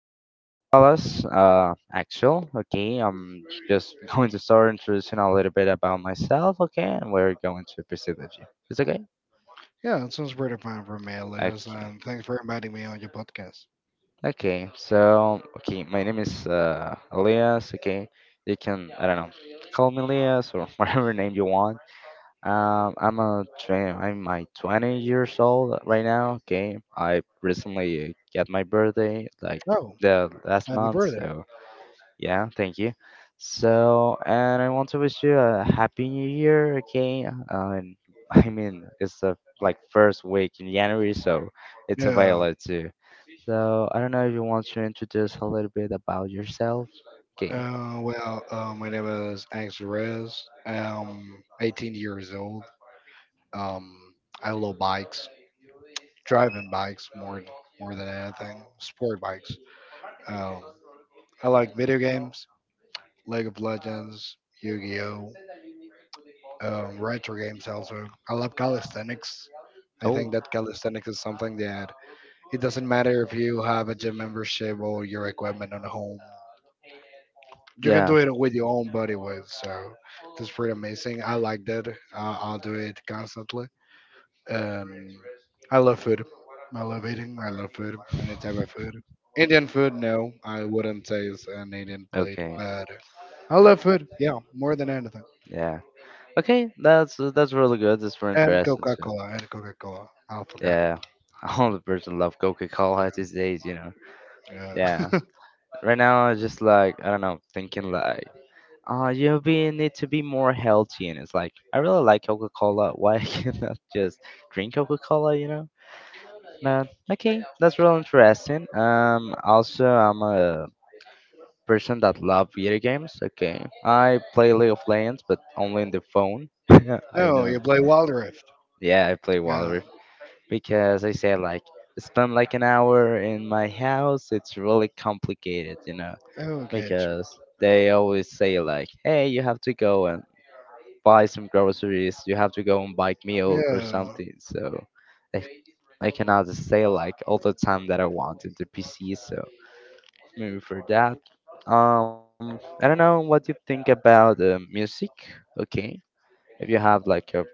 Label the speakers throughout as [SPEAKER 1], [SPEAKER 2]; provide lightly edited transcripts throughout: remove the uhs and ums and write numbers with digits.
[SPEAKER 1] good fellas, Axel. Okay, I'm just going to start introducing a little bit about myself, okay, and we're going to proceed with you. It's okay?
[SPEAKER 2] Yeah, it sounds pretty fine for me, Elias.
[SPEAKER 1] Okay.
[SPEAKER 2] And thanks for inviting me on your podcast.
[SPEAKER 1] Okay, my name is Elias, okay. You can, I don't know, call me Elias or whatever name you want. Um, I'm a tw- I'm my 20 years old right now. Okay, I recently got my birthday like
[SPEAKER 2] Oh,
[SPEAKER 1] the last
[SPEAKER 2] happy
[SPEAKER 1] month.
[SPEAKER 2] birthday.
[SPEAKER 1] So yeah, thank you. So and I want to wish you a happy new year. Okay, and I mean it's the like first week in January, so it's
[SPEAKER 2] Yeah.
[SPEAKER 1] available too. So I don't know if you want to introduce a little bit about yourself. Okay.
[SPEAKER 2] My name is Angus Reyes. I'm 18 years old. Um, I love bikes, driving bikes more than anything, sport bikes. Um, I like video games, League of Legends, Yu-Gi-Oh, retro games also. I love calisthenics. I think
[SPEAKER 1] Oh.
[SPEAKER 2] that calisthenics is something that it doesn't matter if you have a gym membership or your equipment at home. You can
[SPEAKER 1] Yeah.
[SPEAKER 2] do it with your own body weight. So that's pretty amazing. I like that. I'll do it constantly. And I love food. I love eating. I love food. Any type of food. Indian food, no. I wouldn't say it's an Indian plate,
[SPEAKER 1] Okay.
[SPEAKER 2] but I love food. Yeah, more than anything.
[SPEAKER 1] Yeah. Okay, that's really good. That's very
[SPEAKER 2] And
[SPEAKER 1] interesting.
[SPEAKER 2] Coca
[SPEAKER 1] So,
[SPEAKER 2] Cola. And Coca Cola. I forgot it.
[SPEAKER 1] yeah, all the person love Coca Cola these days, you know.
[SPEAKER 2] Yeah.
[SPEAKER 1] Yeah,
[SPEAKER 2] Yeah.
[SPEAKER 1] right now I just like I don't know, thinking like, oh, you be need to be more healthy, and it's like I really like Coca Cola. Why I cannot just drink Coca Cola, you know? Man, okay, that's real interesting. Also I'm a person that love video games. Okay, I play League of Legends, but only in the phone. I
[SPEAKER 2] Oh,
[SPEAKER 1] know.
[SPEAKER 2] you play Wild Rift.
[SPEAKER 1] Yeah, I play
[SPEAKER 2] Yeah.
[SPEAKER 1] Valorant. Because I said like spend like an hour in my house. It's really complicated, you know,
[SPEAKER 2] Oh, gotcha.
[SPEAKER 1] because they always say like, "Hey, you have to go and buy some groceries. You have to go and buy milk or
[SPEAKER 2] Yeah.
[SPEAKER 1] something." So I, I cannot stay like all the time that I want in the PC. So maybe for that. I don't know what you think about music. Okay, if you have like a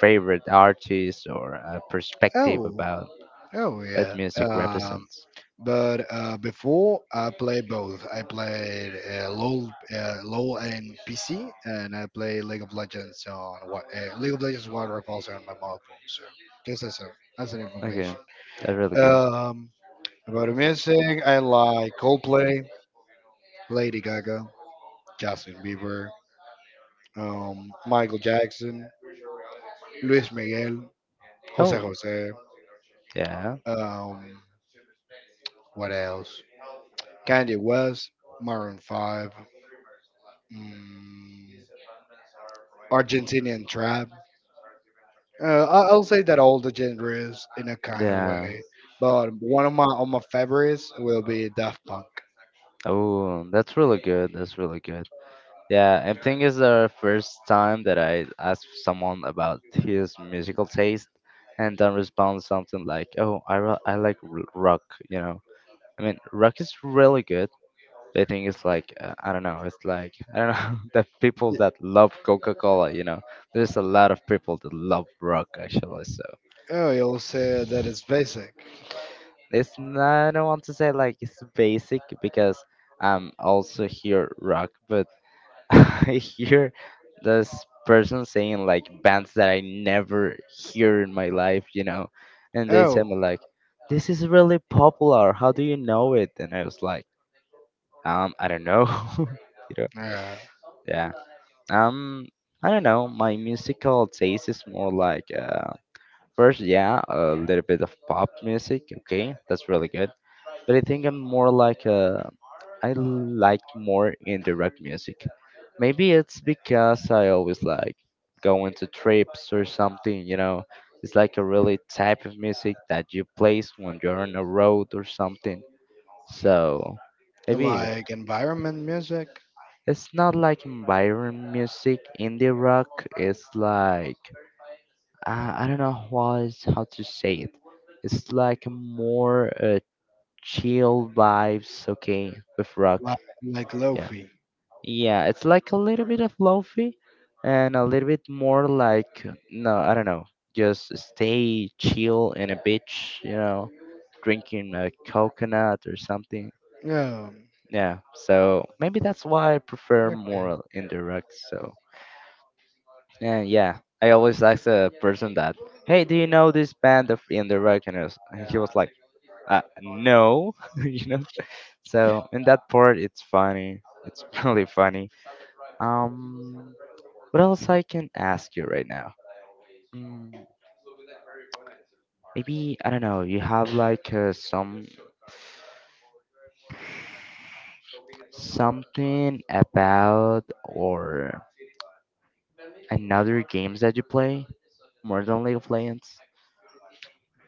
[SPEAKER 1] favorite artist or a perspective
[SPEAKER 2] Oh.
[SPEAKER 1] about
[SPEAKER 2] Oh
[SPEAKER 1] what
[SPEAKER 2] yeah.
[SPEAKER 1] music
[SPEAKER 2] Um.
[SPEAKER 1] represents.
[SPEAKER 2] But uh, before I played both. I played LOL and PC, and I play League of Legends on what League of Legends Wild Rift also on my mobile phone. So just as a as an
[SPEAKER 1] Okay,
[SPEAKER 2] information.
[SPEAKER 1] that's really good.
[SPEAKER 2] Um. About the music, I like Coldplay, Lady Gaga, Justin Bieber, Michael Jackson, Luis Miguel, Jose Jose.
[SPEAKER 1] Yeah,
[SPEAKER 2] Um, what else? Kanye West, Maroon Five, mm, Argentinian Tribe. I'll say that all the genres in a kind of
[SPEAKER 1] yeah.
[SPEAKER 2] way, but one of my favorites will be Daft Punk.
[SPEAKER 1] Oh, that's really good. That's really good. Yeah, I think it's the first time that I asked someone about his musical taste and then respond something like, "Oh, I like rock." You know, I mean, rock is really good. They think it's like I don't know. It's like I don't know the people
[SPEAKER 2] Y-
[SPEAKER 1] that love Coca Cola. You know, there's a lot of people that love rock actually. So
[SPEAKER 2] Oh, you'll say that it's basic.
[SPEAKER 1] it's not, I don't want to say like it's basic because I'm also hear rock, but I hear this person saying like bands that I never hear in my life. You know, and they
[SPEAKER 2] Oh,
[SPEAKER 1] tell me like, "This is really popular. How do you know it?" And I was like, I don't know." you know.
[SPEAKER 2] uh,
[SPEAKER 1] Yeah. Um, I don't know. My musical taste is more like first, yeah, a little bit of pop music. Okay, that's really good. But I think I'm more like I like more indie rock music. Maybe it's because I always like going to trips or something. You know, it's like a really type of music that you place when you're on a road or something. So maybe
[SPEAKER 2] like environment music,
[SPEAKER 1] it's not like Byron music, indie rock. It's like I don't know how is how to say it. It's like more chill vibes, okay, with rock.
[SPEAKER 2] like like
[SPEAKER 1] Yeah,
[SPEAKER 2] lofi.
[SPEAKER 1] yeah. It's like a little bit of lofi, and a little bit more like no, I don't know. Just stay chill in a beach, you know, drinking a coconut or something.
[SPEAKER 2] Yeah.
[SPEAKER 1] Yeah, so maybe that's why I prefer
[SPEAKER 2] Okay.
[SPEAKER 1] more indie rock. So. And yeah, I always ask the person that, hey, do you know this band of In the Reckoners? And he was like, no, you know. So in that part, it's funny. It's really funny. Um, what else I can ask you right now? Mm, maybe I don't know. You have like some something about or another games that you play more than League of Legends?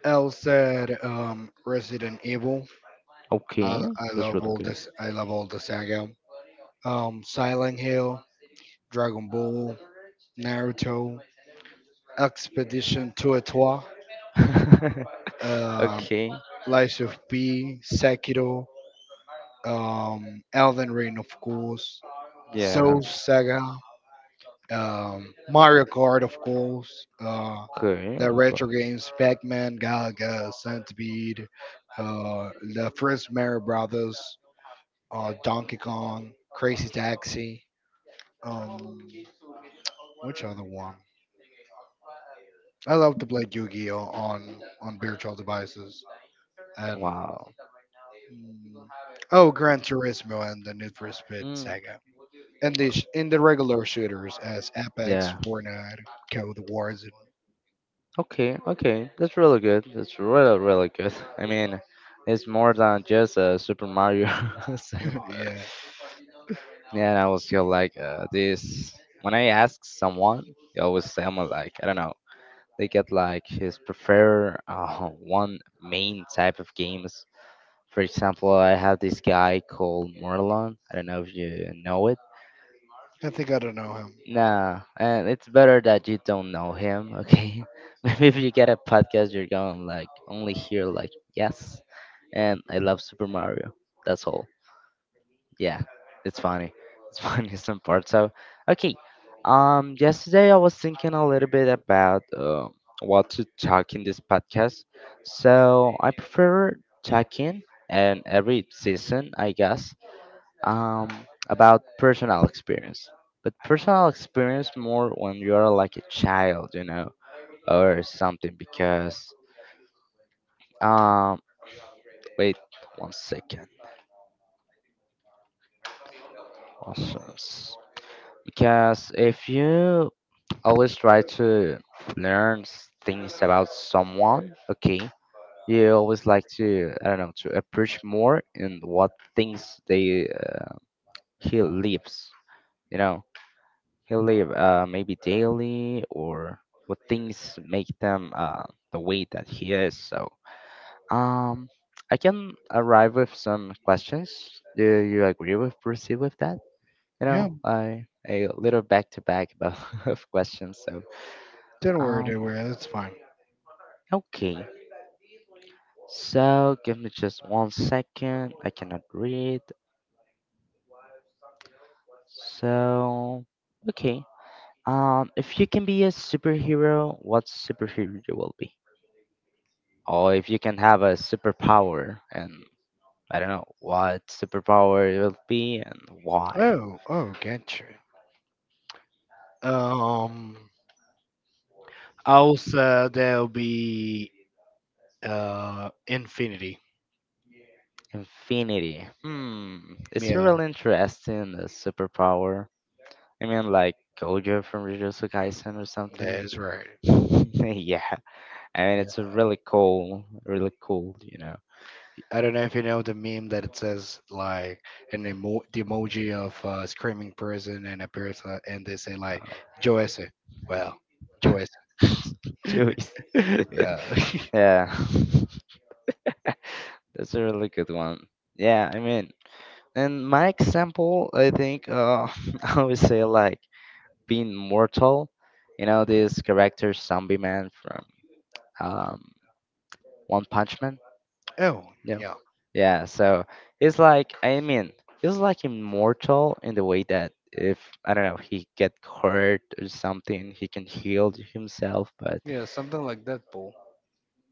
[SPEAKER 2] L said Resident Evil. I
[SPEAKER 1] Okay,
[SPEAKER 2] I
[SPEAKER 1] that's
[SPEAKER 2] love
[SPEAKER 1] really
[SPEAKER 2] all
[SPEAKER 1] good.
[SPEAKER 2] this. I love all the saga. Silent Hill, Dragon Ball, Naruto, Expedition 2 et trois, uh,
[SPEAKER 1] okay.
[SPEAKER 2] Lies of P, Sekiro, Elden Ring, of course,
[SPEAKER 1] Yeah.
[SPEAKER 2] Soul Saga, Mario Kart, of course,
[SPEAKER 1] Okay,
[SPEAKER 2] the
[SPEAKER 1] okay.
[SPEAKER 2] retro games, Pac-Man, Galaga, Centipede, the first Mario Brothers, Donkey Kong, Crazy Taxi. Um, Which other one? I love to play Yu-Gi-Oh on virtual devices and
[SPEAKER 1] Wow.
[SPEAKER 2] mm, oh, Gran Turismo and the Need for Speed
[SPEAKER 1] Mm,
[SPEAKER 2] Saga. And in the regular shooters as Apex,
[SPEAKER 1] yeah.
[SPEAKER 2] Fortnite, Code Warzone.
[SPEAKER 1] Okay. Okay. That's really good. That's really really good. I mean, it's more than just Super Mario. So
[SPEAKER 2] Yeah,
[SPEAKER 1] yeah, and I was feel like this when I ask someone, they always say, "I'm like I don't know. They get like his prefer one main type of games. For example, I have this guy called Morlon. I don't know if you know it.
[SPEAKER 2] I think I don't know him.
[SPEAKER 1] Nah, and it's better that you don't know him, okay? Maybe if you get a podcast, you're going to like only hear like yes, and I love Super Mario. That's all. Yeah, it's funny. It's funny in some parts. So, okay. Yesterday I was thinking a little bit about what to talk in this podcast. So I prefer talking, and every season, I guess about personal experience. But personal experience more when you are like a child, you know, or something. Because um, wait 1 second. Options. Because if you always try to things about someone, okay, you always like to I don't know to approach more in what things they he lives, you know he'll live maybe daily or what things make them the way that he is. So um, I can arrive with some questions. Do you agree with proceed with that? You
[SPEAKER 2] Yeah,
[SPEAKER 1] know, I a little back to back about of questions. So um,
[SPEAKER 2] don't worry, that's fine.
[SPEAKER 1] okay. So give me just 1 second. I cannot read. So okay. If you can be a superhero, what superhero you will be? Or if you can have a superpower and I don't know what superpower it will be and why.
[SPEAKER 2] Oh, oh, gotcha. Um, Also there'll be infinity.
[SPEAKER 1] Infinity. Hmm, it's a
[SPEAKER 2] Yeah,
[SPEAKER 1] real interesting the superpower. I mean like Gojo from Jujutsu Kaisen or something.
[SPEAKER 2] that is right.
[SPEAKER 1] Yeah, I mean
[SPEAKER 2] Yeah.
[SPEAKER 1] it's a really cool really cool you know.
[SPEAKER 2] I don't know if you know the meme that it says like the emoji of a screaming person and a person, and they say like Joyce. Well, Joyce.
[SPEAKER 1] Choice.
[SPEAKER 2] Yeah.
[SPEAKER 1] yeah. That's a really good one. Yeah, I mean in my example I think I would say like being mortal. You know this character, Zombie Man from um, One Punch Man.
[SPEAKER 2] Oh,
[SPEAKER 1] Yeah,
[SPEAKER 2] yeah.
[SPEAKER 1] yeah. So it's like I mean, he's like immortal in the way that if I don't know, he get hurt or something, he can heal himself. But
[SPEAKER 2] Yeah, something like that, Paul.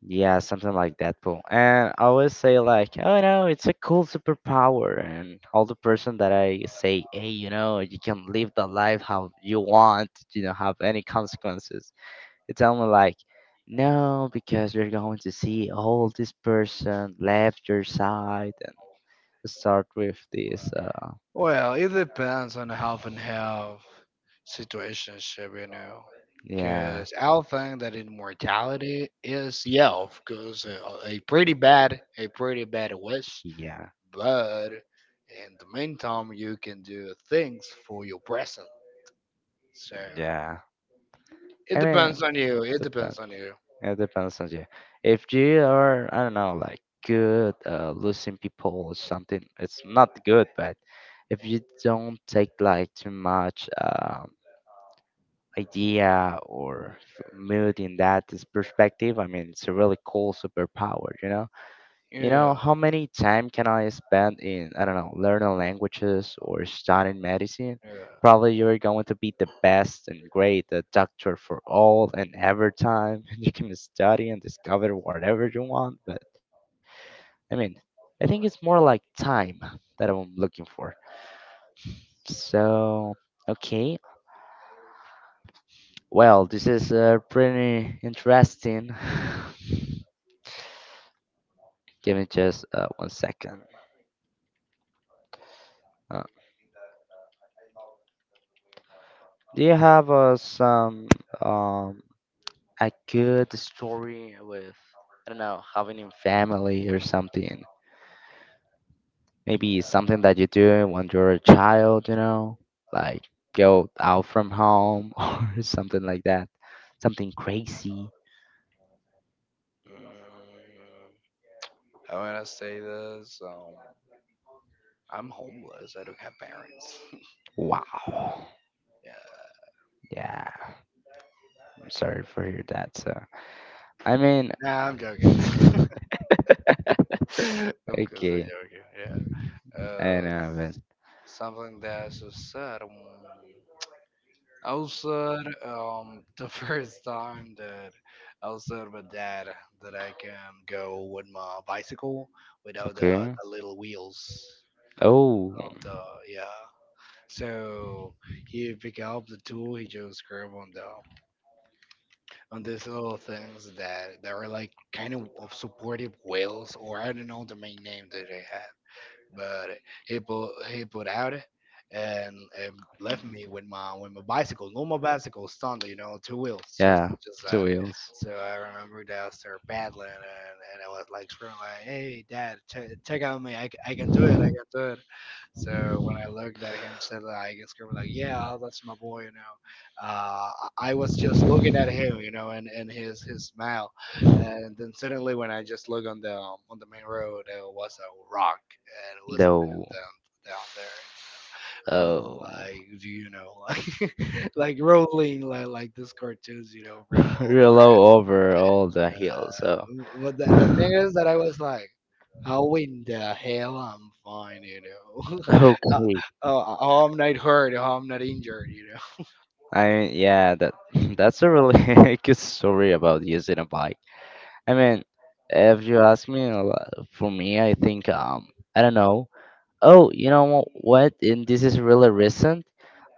[SPEAKER 1] yeah, something like that. Cool. And I always say like, oh no, it's a cool superpower. And all the person that I say, hey, you know, you can live the life how you want. You don't have any consequences. It's almost like, no, because we're going to see all this person left your side and start with this.
[SPEAKER 2] Well, it depends on half and half situationship, you know.
[SPEAKER 1] Yeah,
[SPEAKER 2] Because I'll think that immortality is yeah, because a pretty bad wish,
[SPEAKER 1] yeah,
[SPEAKER 2] but in the meantime, you can do things for your present. So
[SPEAKER 1] yeah.
[SPEAKER 2] it
[SPEAKER 1] I
[SPEAKER 2] depends
[SPEAKER 1] mean,
[SPEAKER 2] on you. It depends
[SPEAKER 1] depends.
[SPEAKER 2] on you.
[SPEAKER 1] It depends on you. If you are, I don't know, like good, losing people or something, it's not good. But if you don't take like too much mood in that is perspective, I mean, it's a really cool superpower, you know. You know,
[SPEAKER 2] Yeah,
[SPEAKER 1] how many time can I spend in, I don't know, learning languages or studying medicine?
[SPEAKER 2] yeah.
[SPEAKER 1] Probably you're going to be the best and great, the doctor for all and every time. You can study and discover whatever you want, but I mean, I think it's more like time that I'm looking for. So, okay. Well, this is pretty interesting. Give me just 1 second. Uh, do you have some um, a good story with I don't know having a family or something. Maybe something that you do when you're a child, you know, like go out from home or something like that. Something crazy.
[SPEAKER 2] Mm, How would I say this? I'm homeless. I don't have parents.
[SPEAKER 1] Wow.
[SPEAKER 2] Yeah.
[SPEAKER 1] Yeah. I'm sorry for hear that. So I mean.
[SPEAKER 2] Nah, I'm joking. I'm just
[SPEAKER 1] Okay.
[SPEAKER 2] joking. Yeah.
[SPEAKER 1] I know,
[SPEAKER 2] Something that's so sad. I was sad the first time that I was sad with dad that I can go with my bicycle
[SPEAKER 1] but
[SPEAKER 2] without the,
[SPEAKER 1] okay.
[SPEAKER 2] the little wheels
[SPEAKER 1] Oh.
[SPEAKER 2] of the yeah. So he pick up the tool, he just grab on these little things that are like kind of supportive wheels or I don't know the main name that they had. But he put out, and left me with my bicycle, normal bicycle, standard, you know, two wheels, just
[SPEAKER 1] Yeah,
[SPEAKER 2] just
[SPEAKER 1] two
[SPEAKER 2] that.
[SPEAKER 1] wheels.
[SPEAKER 2] So I remember that I started paddling, and I was like screaming like, "Hey, Dad, check out me! I can do it! I can do it!" So when I looked at him, said that I guess girl was like, "Yeah, that's my boy," you know. Uh, I was just looking at him, you know, and his smile, and then suddenly when I just look on the main road, there was a rock and it was a man
[SPEAKER 1] Though,
[SPEAKER 2] down there. And so I was
[SPEAKER 1] oh,
[SPEAKER 2] like, do you know, like rolling like this cartoons, you know, from all the
[SPEAKER 1] real low over all the hills. So,
[SPEAKER 2] but the, the thing
[SPEAKER 1] okay.
[SPEAKER 2] is that I was like, how in the hell I'm fine, you know? uh, how I'm not hurt, how I'm not injured, you know?
[SPEAKER 1] I mean, yeah, that that's a really good story about using a bike. I mean, if you ask me, for me, I think I don't know. Oh, you know what? And this is really recent.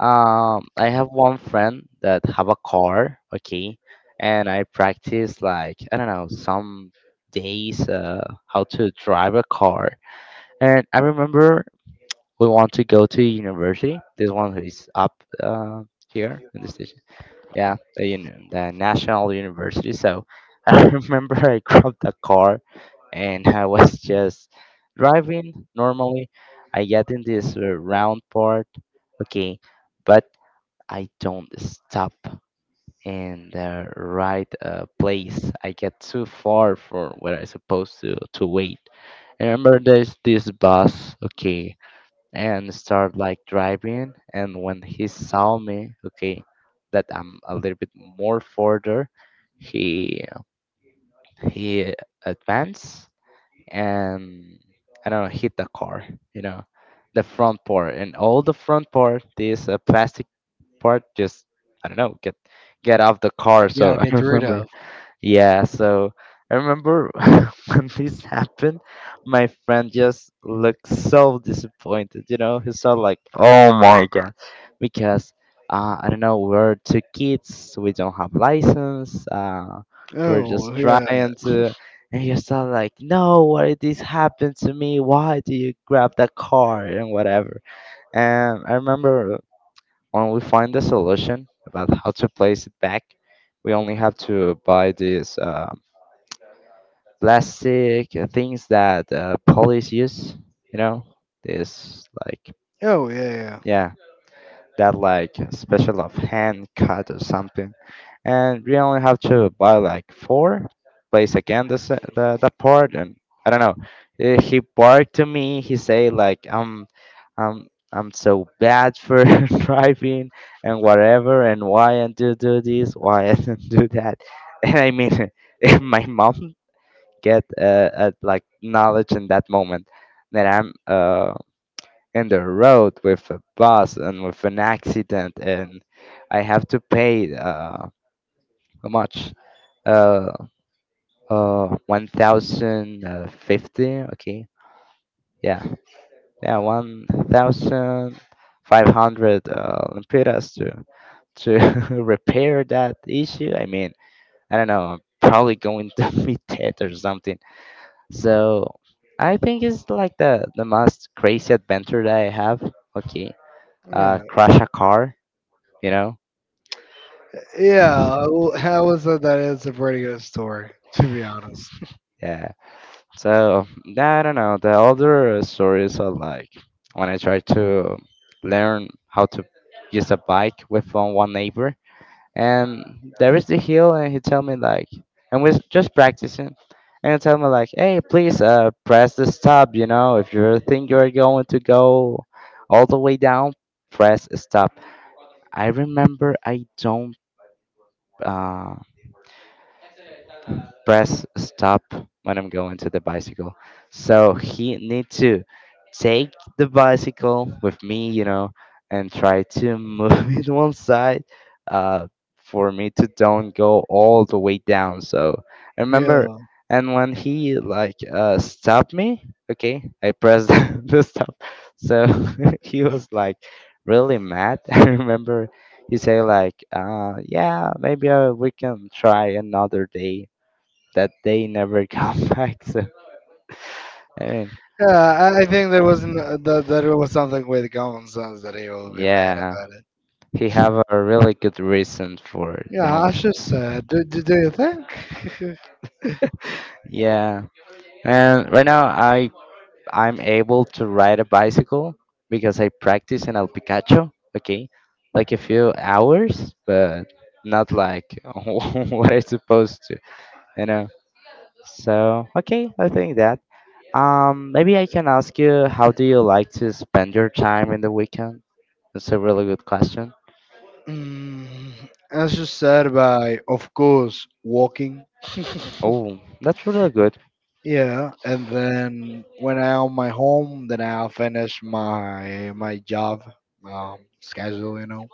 [SPEAKER 1] I have one friend that have a car, okay, and I practice like I don't know some days how to drive a car. And I remember we want to go to university. This one who is up uh, here in the station yeah, the national university. So I remember I grabbed a car and I was just driving normally. I get in this round part, okay, but I don't stop in the right place. I get too far for where I supposed to wait. I remember there's this bus, okay, and start like driving. And when he saw me, okay, that I'm a little bit more further, he he advanced and, I don't know, hit the car, you know the front part. And all the front part, this plastic part just, I don't know, get off the car.
[SPEAKER 2] Yeah,
[SPEAKER 1] So I
[SPEAKER 2] get rid
[SPEAKER 1] remember,
[SPEAKER 2] of.
[SPEAKER 1] yeah. So I remember when this happened, my friend just looked so disappointed. You know, he saw like, "Oh my god," because I don't know, we're two kids, we don't have license, we're
[SPEAKER 2] Oh
[SPEAKER 1] just
[SPEAKER 2] yeah.
[SPEAKER 1] trying to, and he saw like, "No, why did this happen to me? Why do you grab that car and whatever?" And I remember when we find the solution about how to place it back, we only have to buy this. Plastic things that police use. You know, this like,
[SPEAKER 2] Oh yeah.
[SPEAKER 1] yeah, that like, special of hand cut or something, and we only have to buy like four. Place again the part, and I don't know. He barked to me. He say like I'm so bad for driving and whatever, and why I do this, why I don't do that. And I mean, if my mom get at like knowledge in that moment that I'm in the road with a bus and with an accident, and I have to pay how much, uh, 1050, okay, yeah, yeah, 1500 lempiras to to repair that issue. I mean, I don't know, I'm probably going to be dead or something. So I think it's like the most crazy adventure that I have. Okay,
[SPEAKER 2] Yeah. Yeah.
[SPEAKER 1] crash a car, you know?
[SPEAKER 2] Yeah. Well, how is it that it's a pretty good story, to be honest.
[SPEAKER 1] Yeah. So yeah, I don't know. The other stories are like when I tried to learn how to use a bike with one neighbor, and there is the hill, and he tell me like, and we're just practicing. And he tell me like, hey, please, press the stop. You know, if you think you're going to go all the way down, press stop. I remember I don't, uh, press stop when I'm going to the bicycle. So he need to take the bicycle with me, you know, and try to move it one side, uh, for me to don't go all the way down. So I remember,
[SPEAKER 2] Yeah.
[SPEAKER 1] and when he like, stopped me, okay, I pressed the stop. So he was like really mad. I remember he say like, yeah, maybe we can try another day that they never come back. So I mean,
[SPEAKER 2] Yeah. I think there wasn't that it was something with common sense that he will be mad
[SPEAKER 1] yeah,
[SPEAKER 2] about.
[SPEAKER 1] he have a really good reason for
[SPEAKER 2] Yeah,
[SPEAKER 1] them.
[SPEAKER 2] as you said, do you think?
[SPEAKER 1] Yeah, and right now I'm able to ride a bicycle because I practice in El Picacho. Okay, like a few hours, but not like what I supposed to, you know. So okay, I think that. Maybe I can ask you, how do you like to spend your time in the weekend? That's a really good question.
[SPEAKER 2] mm, as you said, by of course walking.
[SPEAKER 1] Oh, that's really good.
[SPEAKER 2] Yeah, and then when I'm my home, then I'll finish my job schedule. You know.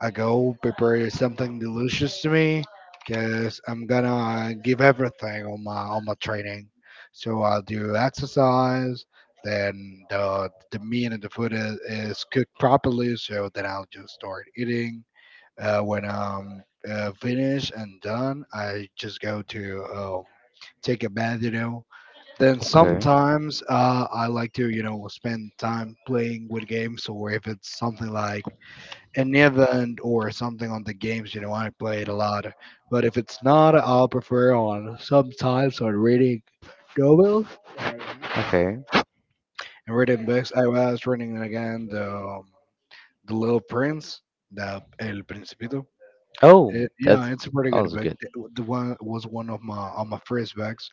[SPEAKER 2] I go prepare something delicious to me because I'm gonna give everything on my training. So I'll do exercise, then the meat and the food is cooked properly. So then I'll just start eating. When I'm finished and done, I just go to take a bath, you know. Then
[SPEAKER 1] Okay,
[SPEAKER 2] sometimes I like to, you know, spend time playing with games or if it's something like an event or something on the games, you know, I play it a lot. But if it's not, I'll prefer on sometimes on reading novels
[SPEAKER 1] okay.
[SPEAKER 2] and reading books. I was reading again the Little Prince, the El Principito.
[SPEAKER 1] Oh,
[SPEAKER 2] It, yeah,
[SPEAKER 1] that's that
[SPEAKER 2] it's a pretty good
[SPEAKER 1] was
[SPEAKER 2] book.
[SPEAKER 1] good.
[SPEAKER 2] The one was one of my on my first books,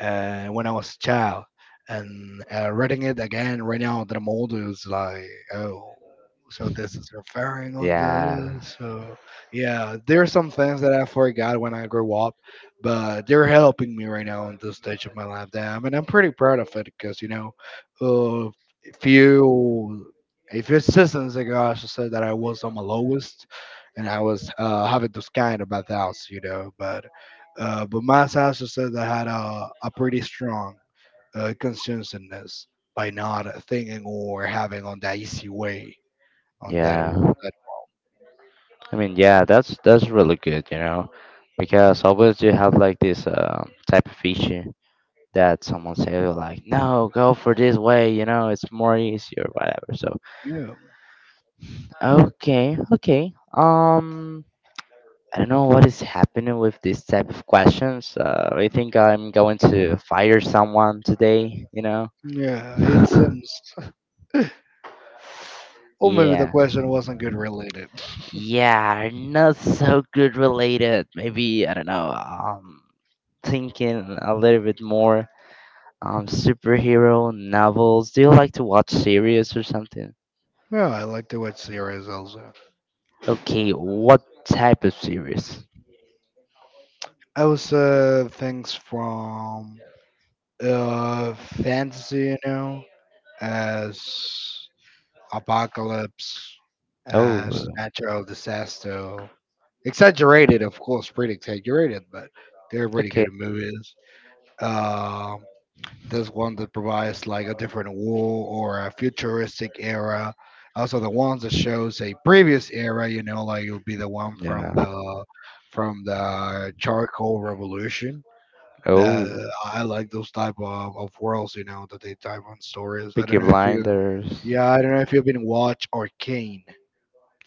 [SPEAKER 2] when I was a child. And reading it again right now that I'm older is like, oh, so this is referring on
[SPEAKER 1] Yeah,
[SPEAKER 2] this. So yeah, there are some things that I forgot when I grew up, but they're helping me right now in this stage of my life. Damn, and I'm pretty proud of it because you know, uh, a few a few seasons ago, I should say that I was on my lowest, and I was having those kind of bad thoughts, you know, but. But my also said I had a pretty strong conscientiousness by not thinking or having on that easy way on that.
[SPEAKER 1] yeah.
[SPEAKER 2] That
[SPEAKER 1] I mean, yeah, that's really good, you know, because always you have like this type of issue that someone say like, no, go for this way, you know, it's more easier, whatever. So,
[SPEAKER 2] yeah,
[SPEAKER 1] okay, okay. I don't know what is happening with this type of questions. I think I'm going to fire someone today, you know.
[SPEAKER 2] yeah, it seems. Or maybe the
[SPEAKER 1] Yeah.
[SPEAKER 2] question wasn't good related.
[SPEAKER 1] Yeah, not so good related. Maybe I don't know. Thinking a little bit more. Superhero novels. Do you like to watch series or something?
[SPEAKER 2] Yeah, I like to watch series also.
[SPEAKER 1] Okay, what type of series?
[SPEAKER 2] I was things from fantasy, you know, as apocalypse,
[SPEAKER 1] Oh,
[SPEAKER 2] uh, natural disaster. Exaggerated, of course, pretty exaggerated, but they're pretty
[SPEAKER 1] okay.
[SPEAKER 2] good movies. Um, there's one that provides like a different war or a futuristic era. Also, the ones that shows a previous era, you know, like it'll be the one from
[SPEAKER 1] Yeah.
[SPEAKER 2] the charcoal revolution that
[SPEAKER 1] Oh,
[SPEAKER 2] I like those type of worlds, you know, that they type on stories. I
[SPEAKER 1] Peaky
[SPEAKER 2] don't know if you,
[SPEAKER 1] Blinders.
[SPEAKER 2] yeah, I don't know if you've been watch Arcane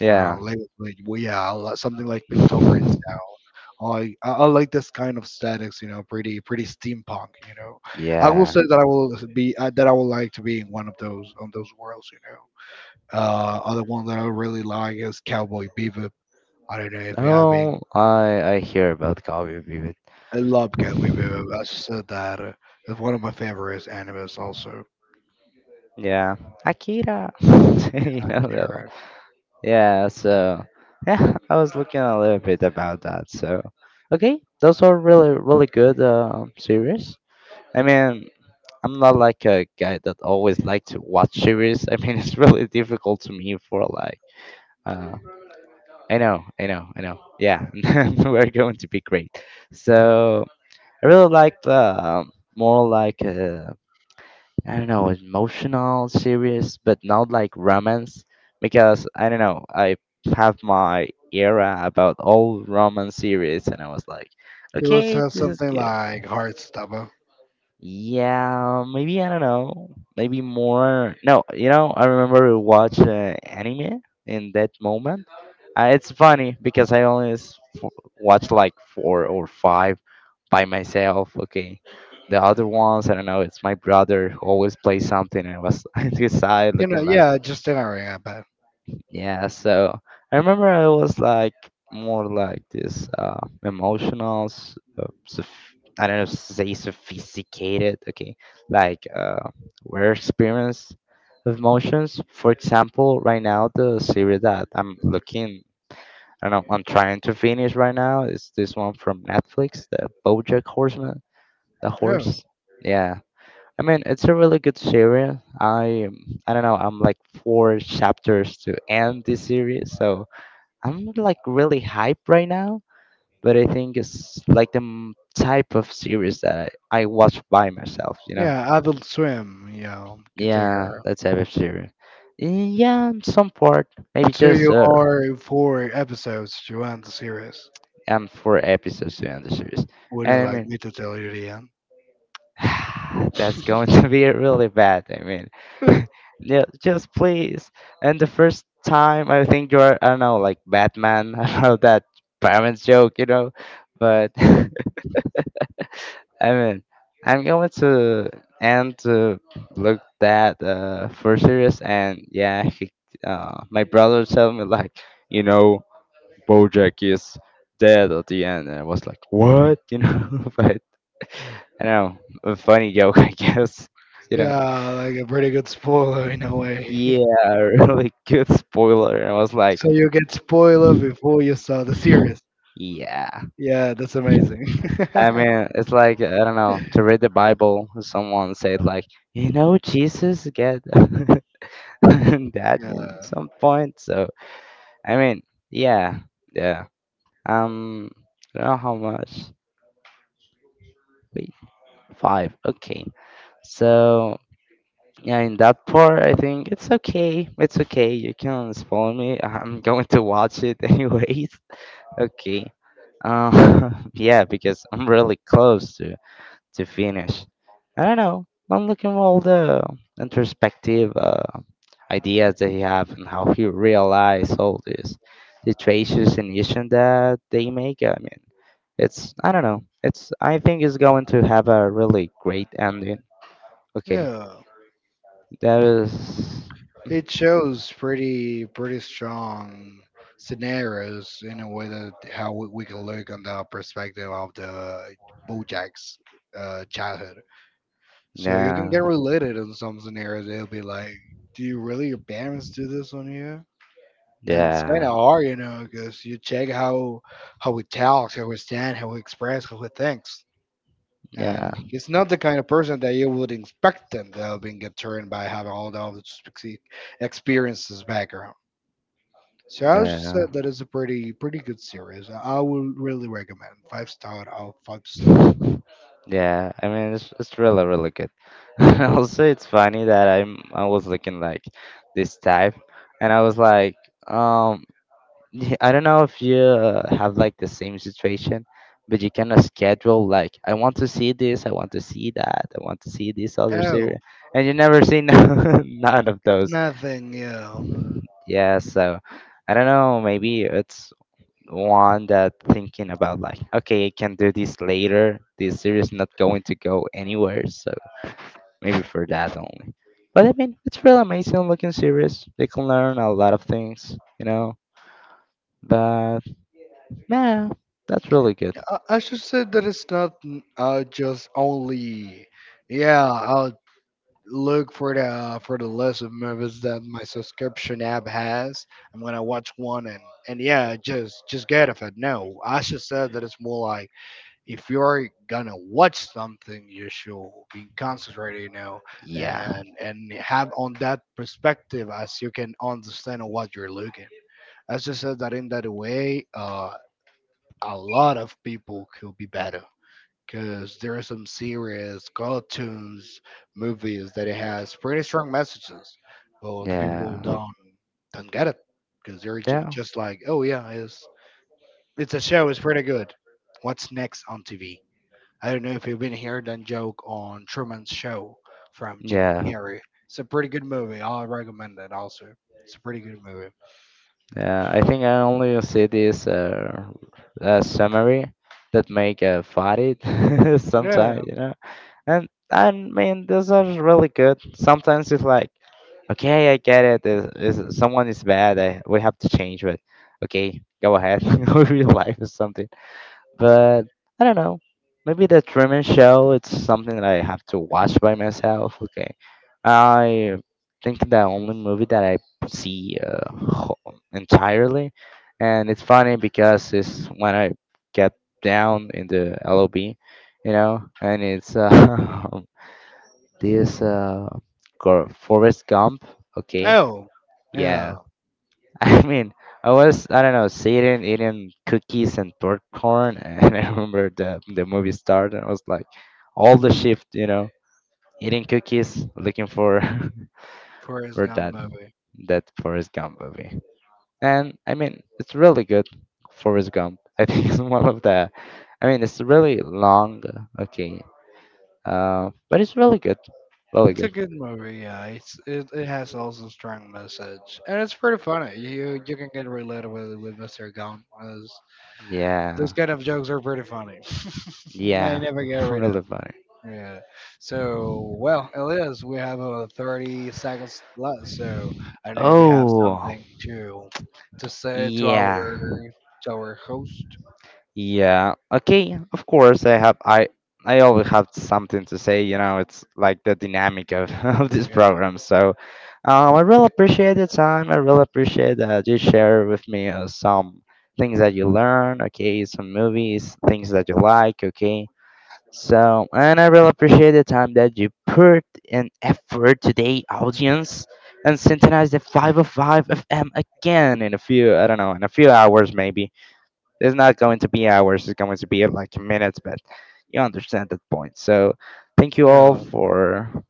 [SPEAKER 1] Yeah.
[SPEAKER 2] like well, yeah, something like Piltover and style. I like this kind of statics, you know, pretty steampunk, you know. I will
[SPEAKER 1] Yeah.
[SPEAKER 2] say that I would like to be in one of those on those worlds, you know. Other one that I really like is Cowboy Bebop. I don't know if you have been
[SPEAKER 1] Oh, I hear about Cowboy Bebop.
[SPEAKER 2] I love Cowboy Bebop. I just said that. It's one of my favorite animes also.
[SPEAKER 1] Yeah, Akira. you know that.
[SPEAKER 2] Akira.
[SPEAKER 1] Yeah, so yeah, I was looking a little bit about that. So okay, those are really really good series. I mean, I'm not like a guy that always like to watch series. I mean, it's really difficult to me for like. Uh, I know, I know, I know. Yeah, we're going to be great. So I really like the more like, I don't know, emotional, serious, but not like romance, because I don't know, I have my era about all romance series and I was like,
[SPEAKER 2] So let's
[SPEAKER 1] okay,
[SPEAKER 2] have
[SPEAKER 1] this is
[SPEAKER 2] something
[SPEAKER 1] good.
[SPEAKER 2] like Heartstopper.
[SPEAKER 1] Yeah, maybe I don't know, maybe more. No, you know, I remember we watched anime in that moment. It's funny because I only watched like four or five by myself. Okay. The other ones, I don't know, it's my brother who always plays something and I was on his side
[SPEAKER 2] You know,
[SPEAKER 1] looking like,
[SPEAKER 2] yeah, just Ring, I bet.
[SPEAKER 1] yeah. So I remember I was like more like this emotional, I don't know, say sophisticated, okay, like, we're experience of emotions. For example, right now, the series that I'm looking, I don't know, I'm trying to finish right now, is this one from Netflix, the BoJack Horseman. The
[SPEAKER 2] Oh,
[SPEAKER 1] horse. Yeah. I mean, it's a really good series. I I don't know. I'm like four chapters to end this series, so I'm like really hyped right now. But I think it's like type of series that I watch by myself. You know.
[SPEAKER 2] yeah, Adult Swim, you know, could take
[SPEAKER 1] Yeah,
[SPEAKER 2] her.
[SPEAKER 1] that type of series. Yeah, in some part, maybe
[SPEAKER 2] So
[SPEAKER 1] just,
[SPEAKER 2] you are four episodes to end the series.
[SPEAKER 1] four episodes to end the series.
[SPEAKER 2] Would you
[SPEAKER 1] And I
[SPEAKER 2] like
[SPEAKER 1] mean,
[SPEAKER 2] me to tell you the end?
[SPEAKER 1] that's going to be really bad. I mean, yeah, just please. And the first time, I think you're, I don't know, like Batman. I don't know that parents joke, you know. But I mean, I'm going to end to look that for serious. And yeah, he, my brother told me like, you know, BoJack is dead at the end, and I was like, what, you know? But I don't know, a funny joke, I guess. You know,
[SPEAKER 2] Yeah, like a pretty good spoiler in a
[SPEAKER 1] yeah,
[SPEAKER 2] way.
[SPEAKER 1] a really good spoiler. And I was like,
[SPEAKER 2] So you get spoiler before you start the series.
[SPEAKER 1] yeah.
[SPEAKER 2] Yeah, that's amazing.
[SPEAKER 1] I mean, it's like, I don't know, to read the Bible, someone said, like, you know, Jesus get that
[SPEAKER 2] Yeah,
[SPEAKER 1] in some point. So, I mean, yeah, yeah. Um, I don't know how much. Wait, five. Okay. So, yeah, in that part, I think it's okay. It's okay. You can spoil me. I'm going to watch it anyways. Okay. Yeah, because I'm really close to finish. I don't know. I'm looking at all the introspective ideas that he have and how he realized all these situations and issues that they make. I mean, it's I don't know. It's I think it's going to have a really great ending. Okay,
[SPEAKER 2] yeah.
[SPEAKER 1] that is.
[SPEAKER 2] It shows pretty strong scenarios in a way that how we can look on the perspective of the BoJack's childhood. So you can
[SPEAKER 1] Yeah,
[SPEAKER 2] get related in some scenarios. It'll be like, do you really your parents do this on you? And it's kind of
[SPEAKER 1] yeah,
[SPEAKER 2] hard, you know, because you check how he talks, how he stand, how he express, how he thinks.
[SPEAKER 1] yeah,
[SPEAKER 2] And he's not the kind of person that you would expect them to have been get turned by having all those ex- experiences background. So I was just
[SPEAKER 1] yeah,
[SPEAKER 2] said that is a pretty good series. I would really recommend five-star out of five stars.
[SPEAKER 1] yeah. I mean, it's really really good. Also, it's funny that I was looking like this type, and I was like, um, yeah, I don't know if you, have like the same situation, but you kind of schedule like I want to see this, I want to see that, I want to see this other series,
[SPEAKER 2] Oh,
[SPEAKER 1] and you never see none of those.
[SPEAKER 2] nothing new.
[SPEAKER 1] Yeah, so I don't know. Maybe it's one that thinking about like, okay, I can do this later. This series not going to go anywhere, so maybe for that only. But I mean, it's real amazing looking series. They can learn a lot of things, you know. But yeah, that's really good.
[SPEAKER 2] I should say that it's not just only. Yeah, I'll look for the for the list of movies that my subscription app has. I'm gonna watch one and yeah, just get off it. No, Asha said that it's more like if you're gonna watch something, you should be concentrated, you know,
[SPEAKER 1] Yeah,
[SPEAKER 2] and have on that perspective as you can understand what you're looking. Asha said that in that way, a lot of people could be better because there are some series, cartoons, movies that it has pretty strong messages, but the people
[SPEAKER 1] yeah,
[SPEAKER 2] don't get it because they're ju-
[SPEAKER 1] yeah.
[SPEAKER 2] just like, oh yeah, it's a show, it's pretty good. What's next on TV? I don't know if you've been hearing that joke on Truman's Show from Jim
[SPEAKER 1] Yeah,
[SPEAKER 2] Carrey. It's a pretty good movie. I recommend it. Also, it's a pretty good movie.
[SPEAKER 1] yeah, I think I only see this summary that make fight
[SPEAKER 2] Yeah.
[SPEAKER 1] sometimes, you know. And I mean, those are really good. Sometimes it's like, okay, I get it. Is someone is bad? I, we have to change, but okay, go ahead, real life is something. But I don't know. Maybe the Truman Show. It's something that I have to watch by myself. Okay. I think the only movie that I see entirely, and it's funny because it's when I get down in the LOB, you know, and it's this Forrest Gump. Okay.
[SPEAKER 2] Oh,
[SPEAKER 1] Yeah,
[SPEAKER 2] yeah.
[SPEAKER 1] I mean, I was I don't know sitting eating cookies and popcorn, and I remember the movie started. I was like, all the shift, you know, eating cookies, looking for
[SPEAKER 2] Forrest
[SPEAKER 1] for
[SPEAKER 2] Gump movie.
[SPEAKER 1] that Forrest Gump movie. And I mean, it's really good, Forrest Gump. I think it's one of the. I mean, it's really long, okay, but it's really good, really
[SPEAKER 2] It's a
[SPEAKER 1] good.
[SPEAKER 2] good movie, yeah. It has also strong message, and it's pretty funny. You can get related with Mr. Gum as
[SPEAKER 1] Yeah,
[SPEAKER 2] those kind of jokes are pretty funny. I
[SPEAKER 1] yeah,
[SPEAKER 2] never get rid of.
[SPEAKER 1] really funny.
[SPEAKER 2] Yeah. So well, Elias, we have 30 seconds left. So I don't know if you have
[SPEAKER 1] Oh,
[SPEAKER 2] something to say to our
[SPEAKER 1] yeah.
[SPEAKER 2] to our host.
[SPEAKER 1] Yeah. Okay. Of course, I have. I always have something to say. You know, it's like the dynamic of, of this
[SPEAKER 2] Yeah.
[SPEAKER 1] program. So, I really appreciate the time. I really appreciate that you share with me some things that you learn. Okay, some movies, things that you like. Okay. So, and I really appreciate the time that you put in effort today, audience, and synchronize the 505 FM again in a few. I don't know, in a few hours maybe. It's not going to be hours, it's going to be like minutes, but you understand that point. So thank you all
[SPEAKER 2] Yeah.
[SPEAKER 1] for,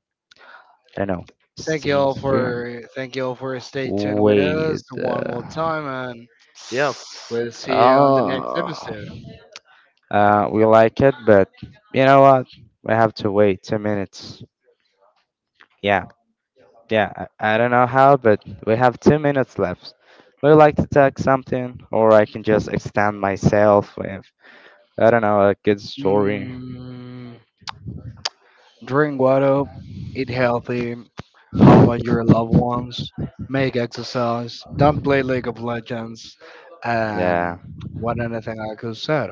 [SPEAKER 1] I don't know,
[SPEAKER 2] Thank you
[SPEAKER 1] staying
[SPEAKER 2] all
[SPEAKER 1] here.
[SPEAKER 2] for thank you all for stay tuned with
[SPEAKER 1] Wait.
[SPEAKER 2] us one more time and we'll see you on the next
[SPEAKER 1] Oh.
[SPEAKER 2] episode.
[SPEAKER 1] We like it, but you know what? We have to wait 2 minutes. Yeah, yeah. I don't know how, but we have 2 minutes left. Would you like to tag something, or I can just extend myself with I don't know a good story.
[SPEAKER 2] Mm, Drink water, eat healthy, hug on your loved ones, make exercise, don't play League of Legends,
[SPEAKER 1] Yeah.
[SPEAKER 2] and what other thing I could say?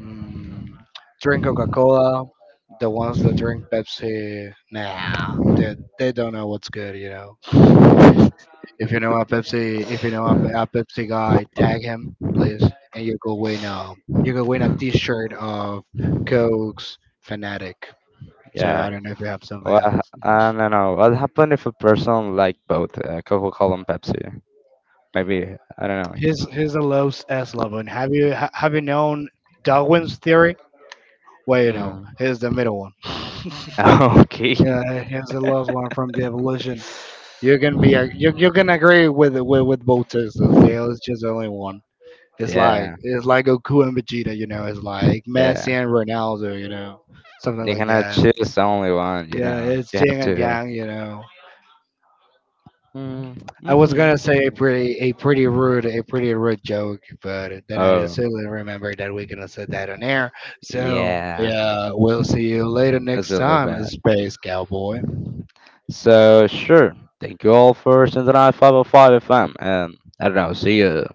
[SPEAKER 2] Mm, Drink Coca Cola. The ones that drink Pepsi, nah, they don't know what's good, you know. If you know our Pepsi, if you know our Pepsi guy, tag him, please, and you go win a T-shirt of Coke's fanatic. So
[SPEAKER 1] Yeah.
[SPEAKER 2] I don't know if you have something
[SPEAKER 1] Well,
[SPEAKER 2] else.
[SPEAKER 1] I don't know. What happened if a person liked both Coca-Cola and Pepsi? Maybe I don't know.
[SPEAKER 2] Here's a low S level. And have you known Darwin's theory? Well, you know,
[SPEAKER 1] Mm.
[SPEAKER 2] here's the middle one.
[SPEAKER 1] Okay.
[SPEAKER 2] Yeah, here's the last one from the evolution. You're gonna be a- you're gonna agree with both sisters. There is just only one. It's like
[SPEAKER 1] Yeah.
[SPEAKER 2] it's like Goku and Vegeta, you know. It's like
[SPEAKER 1] Yeah.
[SPEAKER 2] Messi and Ronaldo, you know, something
[SPEAKER 1] You
[SPEAKER 2] like
[SPEAKER 1] cannot
[SPEAKER 2] that.
[SPEAKER 1] choose only one. You
[SPEAKER 2] Yeah,
[SPEAKER 1] know.
[SPEAKER 2] it's
[SPEAKER 1] You
[SPEAKER 2] Jing
[SPEAKER 1] have
[SPEAKER 2] and
[SPEAKER 1] to.
[SPEAKER 2] yang, you know.
[SPEAKER 1] Mm,
[SPEAKER 2] I was
[SPEAKER 1] mhm,
[SPEAKER 2] gonna say a
[SPEAKER 1] mhm.
[SPEAKER 2] pretty a pretty rude a pretty rude joke, but then I just
[SPEAKER 1] Oh.
[SPEAKER 2] suddenly remembered that we gonna say that on air. So
[SPEAKER 1] Yeah.
[SPEAKER 2] yeah, we'll see you later
[SPEAKER 1] That's
[SPEAKER 2] next
[SPEAKER 1] really
[SPEAKER 2] time,
[SPEAKER 1] bad.
[SPEAKER 2] Space Cowboy.
[SPEAKER 1] So sure. Thank you all for sending out 505 FM, and I don't know. See you.